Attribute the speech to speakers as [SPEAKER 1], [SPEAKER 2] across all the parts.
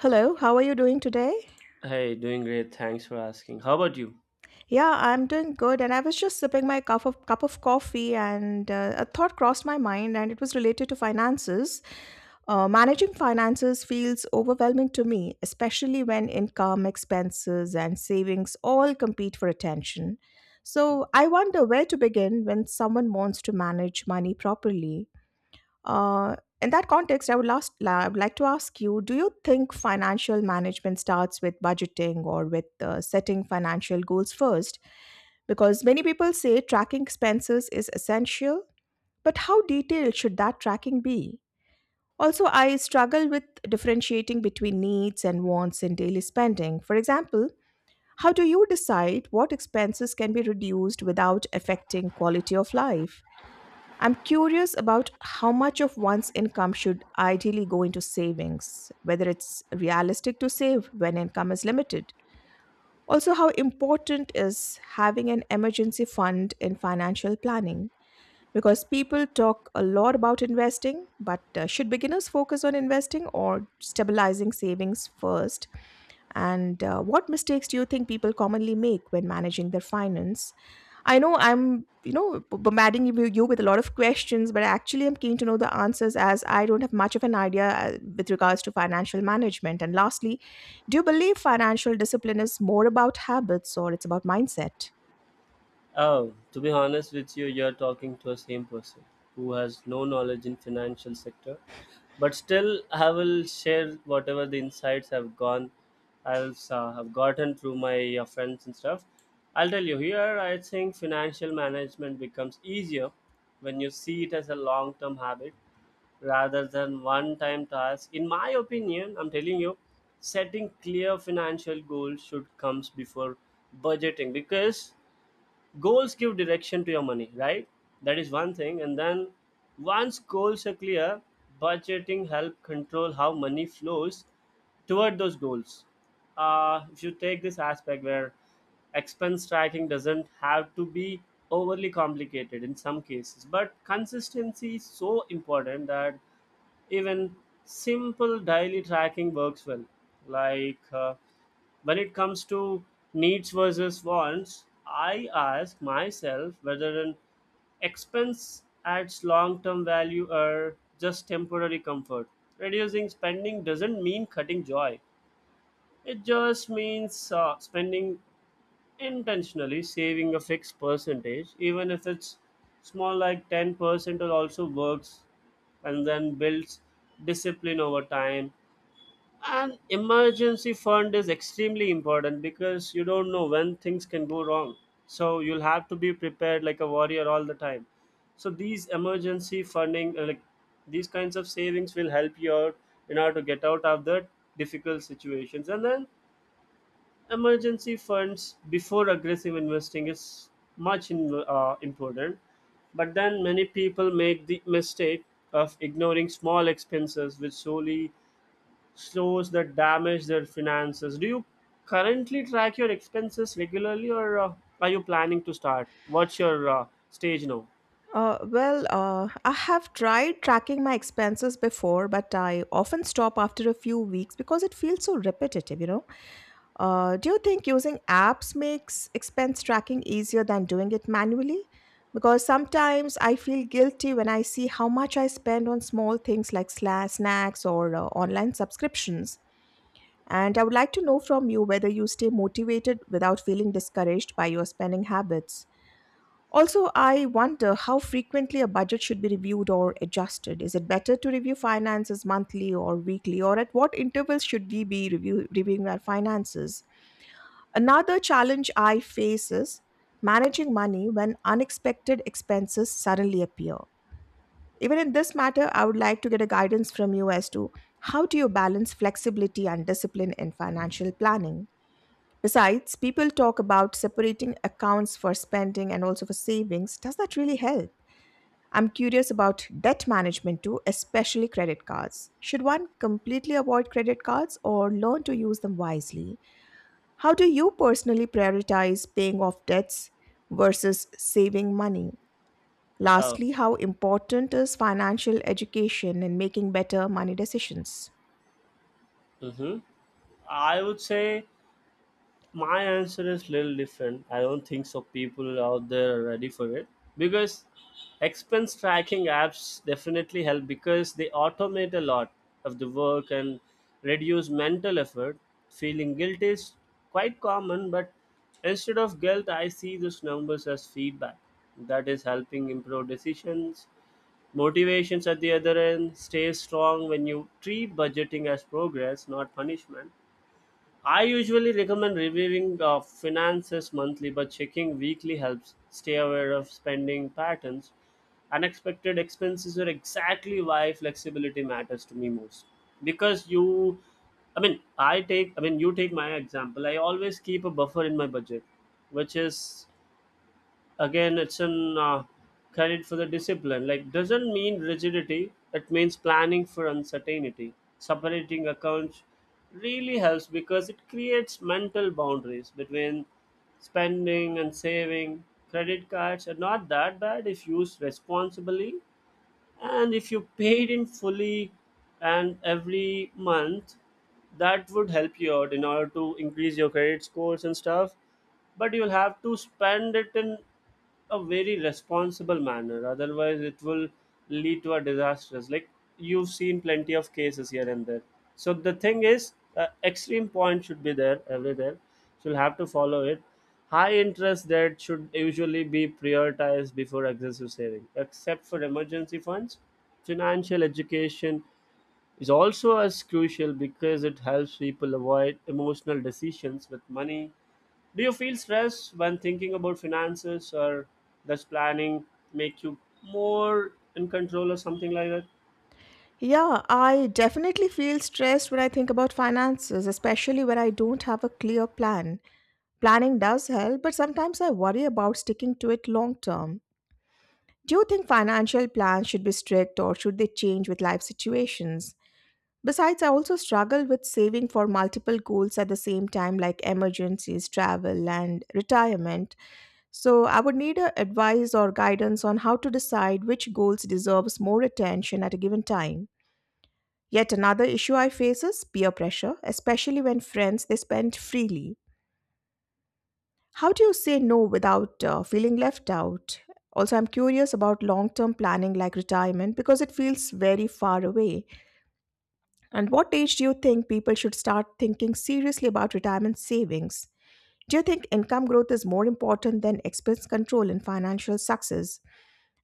[SPEAKER 1] Hello, how are you doing today?
[SPEAKER 2] Hey, doing great. Thanks for asking. How about you?
[SPEAKER 1] Yeah, I'm doing good, and I was just sipping my cup of coffee, and a thought crossed my mind, and it was related to finances. Managing finances feels overwhelming to me, especially when income, expenses, and savings all compete for attention. So I wonder where to begin when someone wants to manage money properly. Uh, in that context, I would like to ask you: Do you think financial management starts with budgeting or with setting financial goals first? Because many people say tracking expenses is essential, but how detailed should that tracking be? Also, I struggle with differentiating between needs and wants in daily spending. For example, how do you decide what expenses can be reduced without affecting quality of life? I'm curious about how much of one's income should ideally go into savings, whether it's realistic to save when income is limited. Also, how important is having an emergency fund in financial planning? Because people talk a lot about investing, but should beginners focus on investing or stabilizing savings first, and what mistakes do you think people commonly make when managing their finance? I know I'm bombarding you with a lot of questions, but actually I'm keen to know the answers as I don't have much of an idea with regards to financial management. And lastly, do you believe financial discipline is more about habits or it's about mindset?
[SPEAKER 2] Oh, to be honest with you, you're talking to a same person who has no knowledge in financial sector. But still, I will share whatever the insights I've gone, I've have gotten through my friends and stuff. I'll tell you here. I think financial management becomes easier when you see it as a long-term habit rather than one time task. In my opinion, I'm telling you, setting clear financial goals should comes before budgeting because goals give direction to your money, right? That is one thing. And then once goals are clear, budgeting help control how money flows toward those goals. If you take this aspect where expense tracking doesn't have to be overly complicated in some cases, but consistency is so important that even simple daily tracking works well like when it comes to needs versus wants, I ask myself whether an expense adds long-term value or just temporary comfort. Reducing spending doesn't mean cutting joy, it just means spending intentionally. Saving a fixed percentage, even if it's small like 10%, will also works and then builds discipline over time. And emergency fund is extremely important because you don't know when things can go wrong, so you'll have to be prepared like a warrior all the time. So these emergency funding, like these kinds of savings, will help you out in order to get out of the difficult situations. And then emergency funds before aggressive investing is important, but then many people make the mistake of ignoring small expenses, which slowly slows that damage their finances. Do you currently track your expenses regularly, or are you planning to start? What's your stage now?
[SPEAKER 1] Well, I have tried tracking my expenses before, but I often stop after a few weeks because it feels so repetitive. Do you think using apps makes expense tracking easier than doing it manually? Because sometimes I feel guilty when I see how much I spend on small things like snacks or online subscriptions. And I would like to know from you whether you stay motivated without feeling discouraged by your spending habits. Also, I wonder how frequently a budget should be reviewed or adjusted. Is it better to review finances monthly or weekly, or at what intervals should we be reviewing our finances? Another challenge I face is managing money when unexpected expenses suddenly appear. Even in this matter, I would like to get a guidance from you as to how do you balance flexibility and discipline in financial planning? Besides, people talk about separating accounts for spending and also for savings. Does that really help? I'm curious about debt management too, especially credit cards. Should one completely avoid credit cards or learn to use them wisely? How do you personally prioritize paying off debts versus saving money?
[SPEAKER 2] Oh.
[SPEAKER 1] Lastly, how important is financial education in making better money decisions?
[SPEAKER 2] Hmm. I would say my answer is little different. I don't think so people out there are ready for it, because expense tracking apps definitely help because they automate a lot of the work and reduce mental effort. Feeling guilt is quite common, but instead of guilt I see these numbers as feedback that is helping improve decisions. Motivations at the other end stay strong when you treat budgeting as progress, not punishment. I usually recommend reviewing finances monthly, but checking weekly helps stay aware of spending patterns. Unexpected expenses are exactly why flexibility matters to me most. Because you, I mean, I take, I mean, You take my example. I always keep a buffer in my budget, which is again. It's an credit for the discipline, like doesn't mean rigidity, it means planning for uncertainty. Separating accounts really helps because it creates mental boundaries between spending and saving. Credit cards are not that bad if used responsibly, and if you paid in fully and every month, that would help you out in order to increase your credit scores and stuff. But you'll have to spend it in a very responsible manner, otherwise it will lead to a disastrous, like you've seen plenty of cases here and there. So the thing is, extreme point should be there everywhere, you'll have to follow it. High interest debt should usually be prioritized before excessive saving, except for emergency funds. Financial education is also as crucial because it helps people avoid emotional decisions with money. Do you feel stress when thinking about finances, or does planning make you more in control or something like that?
[SPEAKER 1] Yeah, I definitely feel stressed when I think about finances, especially when I don't have a clear plan. Planning does help, but sometimes I worry about sticking to it long term. Do you think financial plans should be strict or should they change with life situations? Besides, I also struggle with saving for multiple goals at the same time, like emergencies, travel, and retirement. So, I would need a advice or guidance on how to decide which goals deserves more attention at a given time. Yet another issue I face is peer pressure, especially when friends they spend freely. How do you say no without feeling left out? Also, I'm curious about long term planning like retirement because it feels very far away. And what age do you think people should start thinking seriously about retirement savings? Do you think income growth is more important than expense control in financial success?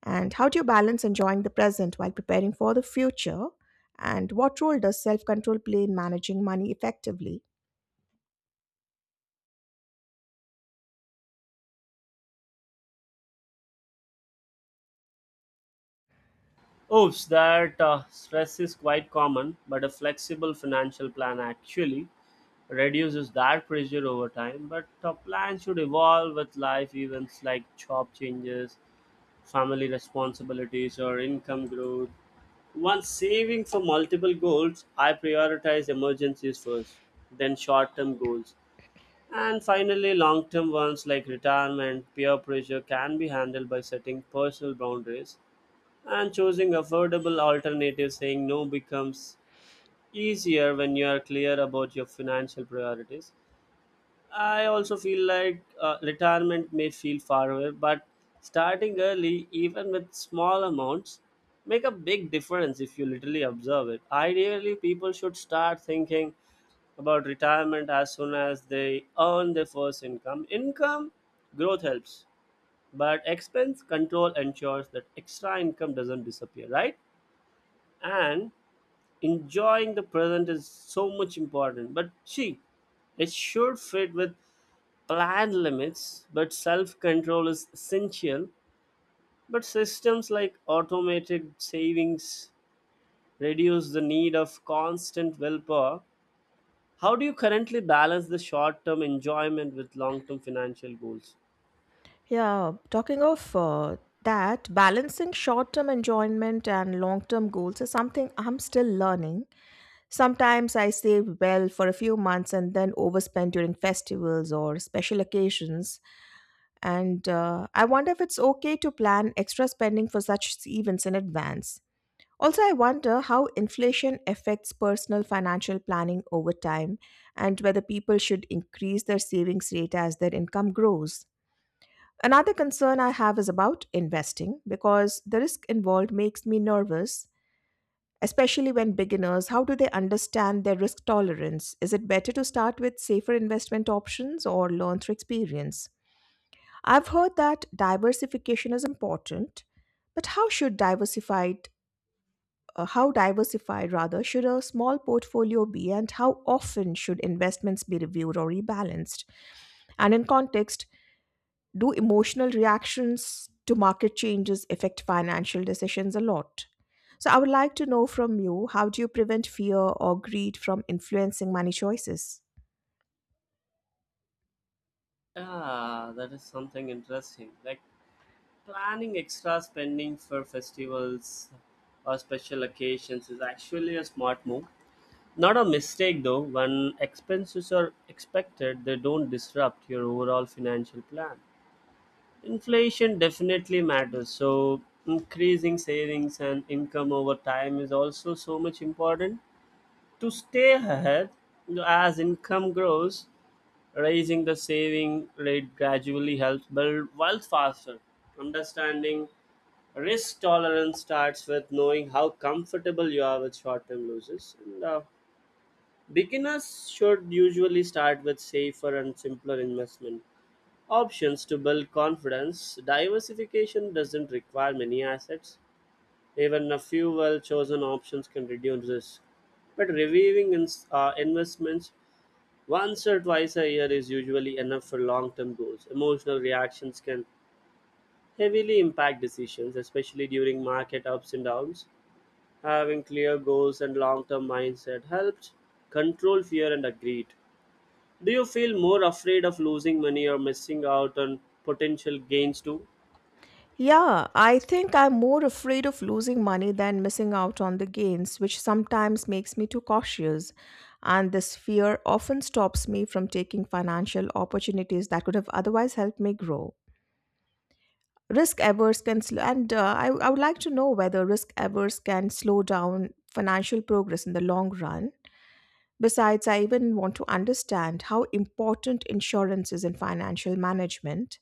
[SPEAKER 1] And how do you balance enjoying the present while preparing for the future? And what role does self control play in managing money effectively?
[SPEAKER 2] Oops, that stress is quite common, but a flexible financial plan actually reduces that pressure over time. But a plan should evolve with life events like job changes, family responsibilities, or income growth. Once saving for multiple goals, I prioritize emergencies first, then short term goals, and finally, long term ones like retirement. Peer pressure can be handled by setting personal boundaries and choosing affordable alternatives. Saying no becomes easier when you are clear about your financial priorities. I also feel like retirement may feel far away, but starting early, even with small amounts, make a big difference if you literally observe it. Ideally, people should start thinking about retirement as soon as they earn their first income. Income growth helps, but expense control ensures that extra income doesn't disappear, right? And enjoying the present is so much important. But see, it should fit with planned limits, but self control is essential. But systems like automated savings reduce the need of constant willpower. How do you currently balance the short term enjoyment with long term financial goals?
[SPEAKER 1] Yeah, talking of that, balancing short term enjoyment and long term goals is something I'm still learning. Sometimes I save well for a few months and then overspend during festivals or special occasions. And I wonder if it's okay to plan extra spending for such events in advance. Also, I wonder how inflation affects personal financial planning over time and whether people should increase their savings rate as their income grows. Another concern I have is about investing because the risk involved makes me nervous, especially when beginners. How do they understand their risk tolerance? Is it better to start with safer investment options or learn through experience? I've heard that diversification is important, but how diversified rather should a small portfolio be, and how often should investments be reviewed or rebalanced? And in context, do emotional reactions to market changes affect financial decisions a lot? So, I would like to know from you how do you prevent fear or greed from influencing money choices?
[SPEAKER 2] Ah, that is something interesting. Like planning extra spending for festivals or special occasions is actually a smart move. Not a mistake though, when expenses are expected, they don't disrupt your overall financial plan. Inflation definitely matters, so increasing savings and income over time is also so much important. To stay ahead as income grows, raising the saving rate gradually helps build wealth faster. Understanding risk tolerance starts with knowing how comfortable you are with short term losses. And beginners should usually start with safer and simpler investment options to build confidence. Diversification doesn't require many assets, even a few well chosen options can reduce risk. But reviewing investments once or twice a year is usually enough for long term goals. Emotional reactions can heavily impact decisions, especially during market ups and downs. Having clear goals and long term mindset helps control fear and greed. Do you feel more afraid of losing money or missing out on potential gains too?
[SPEAKER 1] Yeah, I think I'm more afraid of losing money than missing out on the gains, which sometimes makes me too cautious. And this fear often stops me from taking financial opportunities that could have otherwise helped me grow. Risk averse can sl- and I would like to know whether risk averse can slow down financial progress in the long run. Besides, I even want to understand how important insurance is in financial management.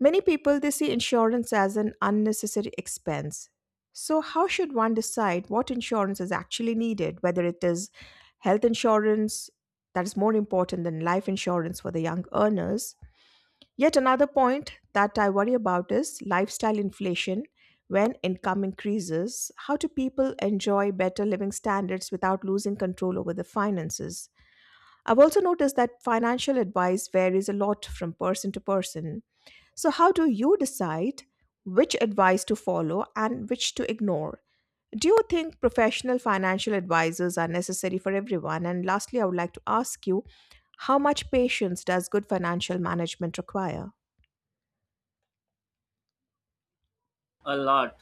[SPEAKER 1] Many people they see insurance as an unnecessary expense. So how should one decide what insurance is actually needed, whether it is health insurance that is more important than life insurance for the young earners? Yet another point that I worry about is lifestyle inflation. When income increases, how do people enjoy better living standards without losing control over the finances? I've also noticed that financial advice varies a lot from person to person. So, how do you decide which advice to follow and which to ignore? Do you think professional financial advisors are necessary for everyone? And lastly, I would like to ask you how much patience does good financial management require?
[SPEAKER 2] A lot.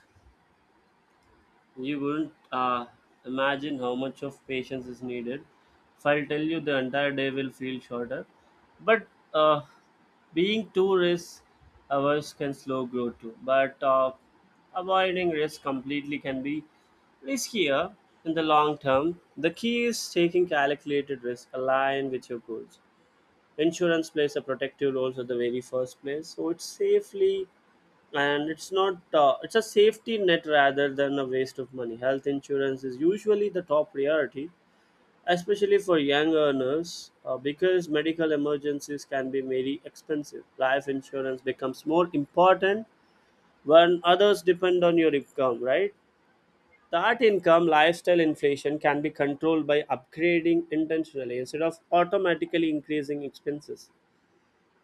[SPEAKER 2] You wouldn't imagine how much of patience is needed. If I'll tell you, the entire day will feel shorter. But uh, being too risk averse can slow growth too. But avoiding risk completely can be riskier in the long term. The key is taking calculated risk aligned with your goals. Insurance plays a protective role at the very first place, so it safely, and it's not it's a safety net rather than a waste of money. Health insurance is usually the top priority, especially for young earners, because medical emergencies can be very expensive. Life insurance becomes more important when others depend on your income, right? That income lifestyle inflation can be controlled by upgrading intentionally instead of automatically increasing expenses.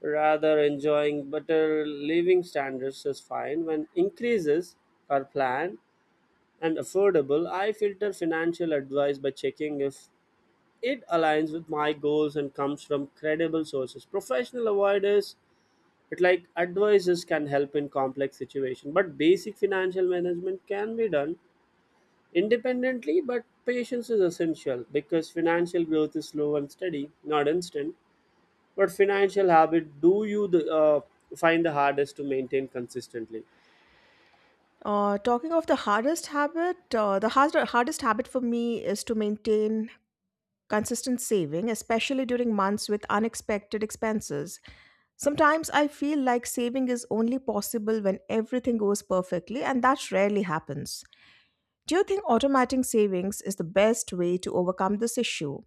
[SPEAKER 2] Rather, enjoying better living standards is fine when increases are planned and affordable. I filter financial advice by checking if it aligns with my goals and comes from credible sources. Professional avoiders, it like advisors can help in complex situation, but basic financial management can be done independently. But patience is essential because financial growth is slow and steady, not instant. What financial habit do you find the hardest to maintain consistently?
[SPEAKER 1] Talking of the hardest habit, hardest habit for me is to maintain consistent saving, especially during months with unexpected expenses. Sometimes I feel like saving is only possible when everything goes perfectly, and that rarely happens. Do you think automating savings is the best way to overcome this issue?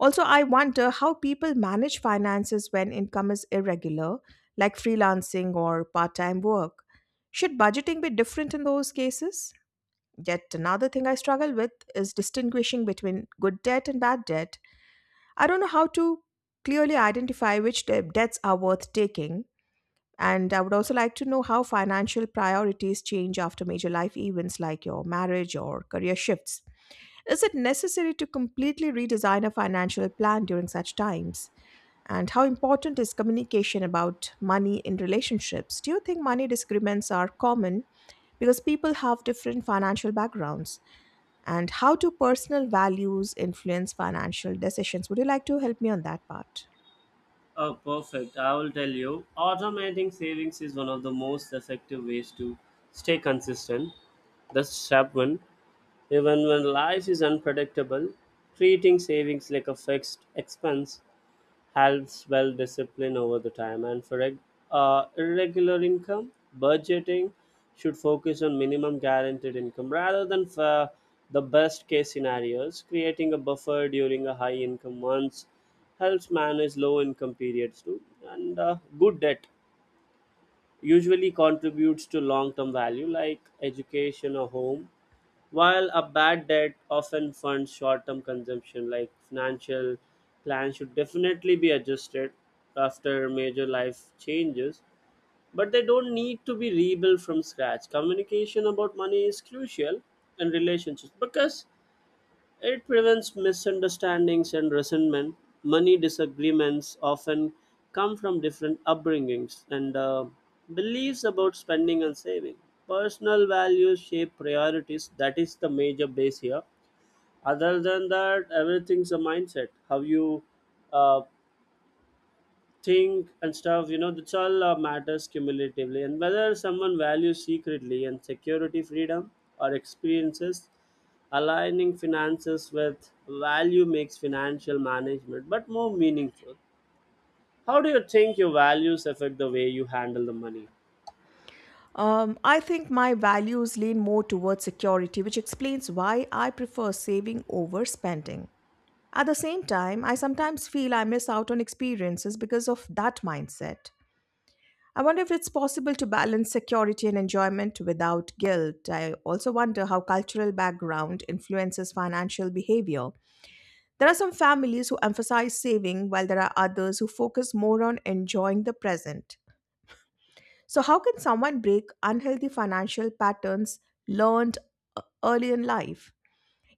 [SPEAKER 1] Also, I wonder how people manage finances when income is irregular, like freelancing or part time work. Should budgeting be different in those cases? Yet another thing I struggle with is distinguishing between good debt and bad debt. I don't know how to clearly identify which debts are worth taking. And I would also like to know how financial priorities change after major life events like your marriage or career shifts. Is it necessary to completely redesign a financial plan during such times? And how important is communication about money in relationships? Do you think money disagreements are common because people have different financial backgrounds? And how do personal values influence financial decisions? Would you like to help me on that part?
[SPEAKER 2] Oh, perfect. I will tell you. Automating savings is one of the most effective ways to stay consistent. The step one, even when life is unpredictable, treating savings like a fixed expense helps well discipline over the time. And for irregular income, budgeting should focus on minimum guaranteed income rather than for the best case scenarios. Creating a buffer during a high income months helps manage low income periods too. And good debt usually contributes to long term value like education or home, while a bad debt often funds short term consumption. Like financial plans should definitely be adjusted after major life changes, but they don't need to be rebuilt from scratch. Communication about money is crucial in relationships because it prevents misunderstandings and resentment. Money disagreements often come from different upbringings and beliefs about spending and saving. Personal values shape priorities. That is the major base here. Other than that, everything's a mindset. How you uh, think and stuff, you know that's all matters cumulatively. And whether someone values secretly and security freedom or experiences, aligning finances with value makes financial management but more meaningful. How do you think your values affect the way you handle the money?
[SPEAKER 1] I think my values lean more towards security, which explains why I prefer saving over spending. At the same time, I sometimes feel I miss out on experiences because of that mindset. I wonder if it's possible to balance security and enjoyment without guilt. I also wonder how cultural background influences financial behavior. There are some families who emphasize saving, while there are others who focus more on enjoying the present. So, how can someone break unhealthy financial patterns learned early in life?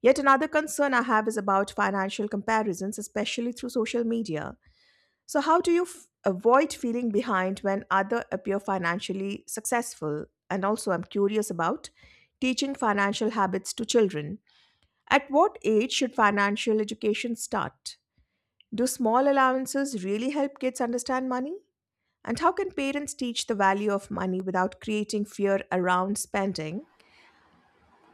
[SPEAKER 1] Yet another concern I have is about financial comparisons, especially through social media. So, how do you avoid feeling behind when others appear financially successful? And also, I'm curious about teaching financial habits to children. At what age should financial education start? Do small allowances really help kids understand money? And how can parents teach the value of money without creating fear around spending?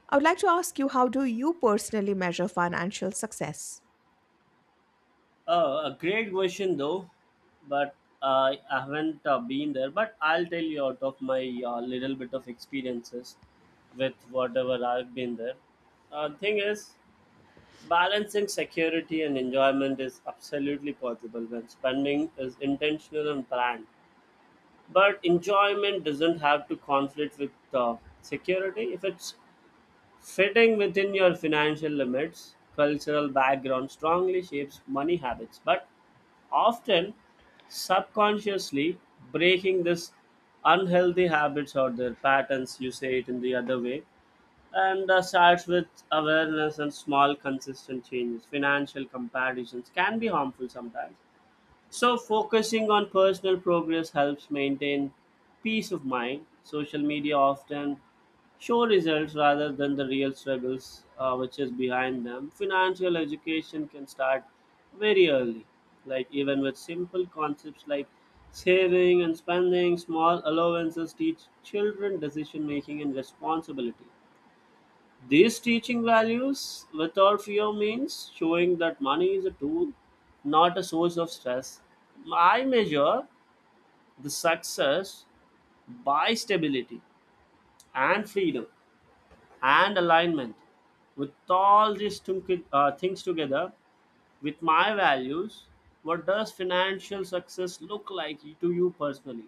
[SPEAKER 1] I would like to ask you how do you personally measure financial success?
[SPEAKER 2] Oh, a great question though. But I haven't been there, but I'll tell you out of my little bit of experiences with whatever I've been there. Thing is, balancing security and enjoyment is absolutely possible when spending is intentional and planned. But enjoyment doesn't have to conflict with security if it's fitting within your financial limits. Cultural background strongly shapes money habits, but often subconsciously. Breaking this unhealthy habits, or their patterns you say it in the other way, and starts with awareness and small consistent changes. Financial comparisons can be harmful sometimes, so focusing on personal progress helps maintain peace of mind. Social media often show results rather than the real struggles, which is behind them. Financial education can start very early, like even with simple concepts like saving and spending. Small allowances teach children decision making and responsibility. These teaching values without fear means showing that money is a tool, not a source of stress. I measure the success by stability and freedom and alignment. With all these things together, with my values, what does financial success look like to you personally?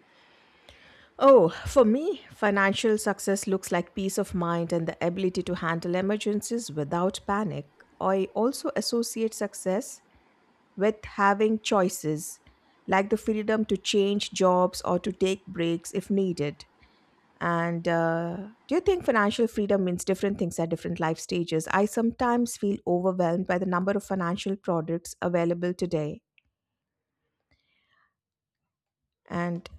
[SPEAKER 1] Oh, for me, financial success looks like peace of mind and the ability to handle emergencies without panic. I also associate success with having choices, like the freedom to change jobs or to take breaks if needed. And do you think financial freedom means different things at different life stages? I sometimes feel overwhelmed by the number of financial products available today. And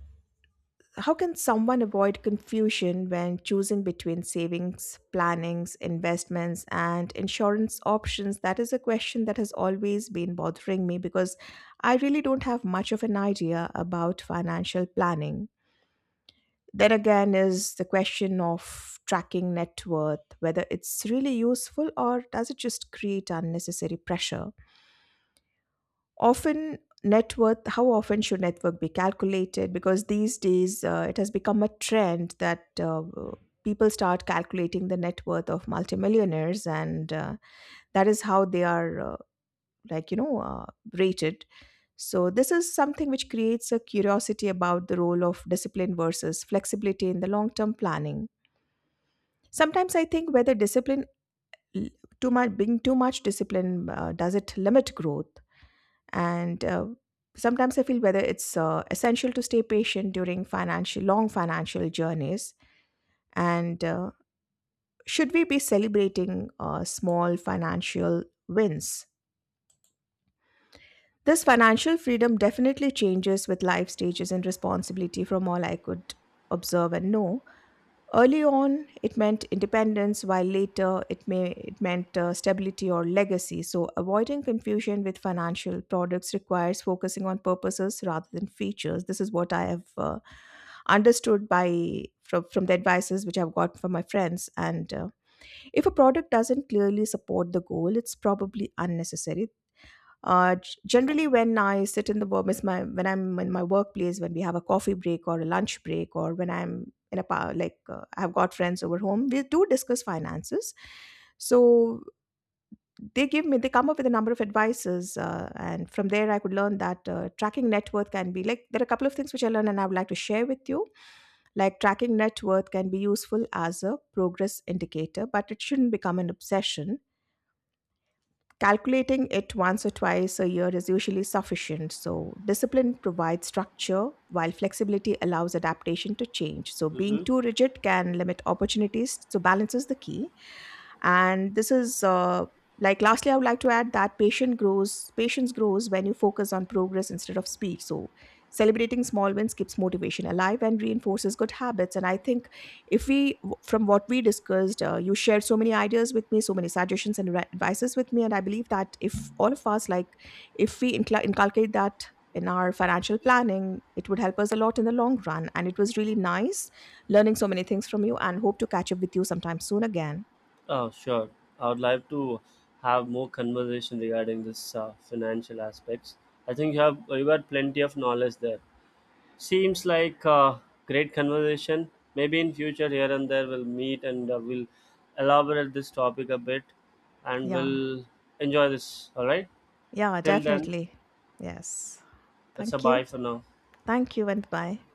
[SPEAKER 1] how can someone avoid confusion when choosing between savings, plannings, investments, and insurance options? That is a question that has always been bothering me because I really don't have much of an idea about financial planning. There again is the question of tracking net worth, whether it's really useful or does it just create unnecessary pressure. Often, how often should net worth be calculated? Because these days it has become a trend that people start calculating the net worth of multimillionaires, and that is how they are, like, you know, uh, rated. So, this is something which creates a curiosity about the role of discipline versus flexibility in the long term planning. Sometimes I think whether discipline l- too much being too much discipline does it limit growth, and sometimes I feel whether it's essential to stay patient during financial long financial journeys, and should we be celebrating small financial wins? This financial freedom definitely changes with life stages and responsibility from all I could observe and know. Early on, it meant independence, while later it may it meant stability or legacy. So, avoiding confusion with financial products requires focusing on purposes rather than features. This is what I have understood by from the advices which I've got from my friends. And if a product doesn't clearly support the goal, it's probably unnecessary. Generally when I sit in the wo- miss my when I'm in my workplace, when we have a coffee break or a lunch break, or when I'm in a power, like I've got friends over home, we do discuss finances. So they give me they come up with a number of advices, and from there I could learn that tracking net worth can be like there are a couple of things which I learned and I would like to share with you. Like tracking net worth can be useful as a progress indicator, but it shouldn't become an obsession. Calculating it once or twice a year is usually sufficient. So, discipline provides structure while flexibility allows adaptation to change. So, being
[SPEAKER 2] Mhm.
[SPEAKER 1] too rigid can limit opportunities. So, balance is the key, and this is like, lastly I would like to add that patient grows patience grows when you focus on progress instead of speed. So celebrating small wins keeps motivation alive and reinforces good habits. And I think if we, from what we discussed, you shared so many ideas with me, so many suggestions and advices with me, and I believe that if all of us, like, if we inculcate that in our financial planning, it would help us a lot in the long run. And it was really nice learning so many things from you, and hope to catch up with you sometime soon again.
[SPEAKER 2] Oh, sure. I would like to have more conversation regarding this financial aspects. I think you had plenty of knowledge there. Seems like a great conversation. Maybe in future here and there we'll meet and we'll elaborate this topic a bit, and
[SPEAKER 1] Yeah.
[SPEAKER 2] we'll enjoy this. All right.
[SPEAKER 1] Yeah,
[SPEAKER 2] Till then,
[SPEAKER 1] definitely. Yes.
[SPEAKER 2] it's a
[SPEAKER 1] Thank
[SPEAKER 2] bye
[SPEAKER 1] you.
[SPEAKER 2] for now.
[SPEAKER 1] Thank you and bye.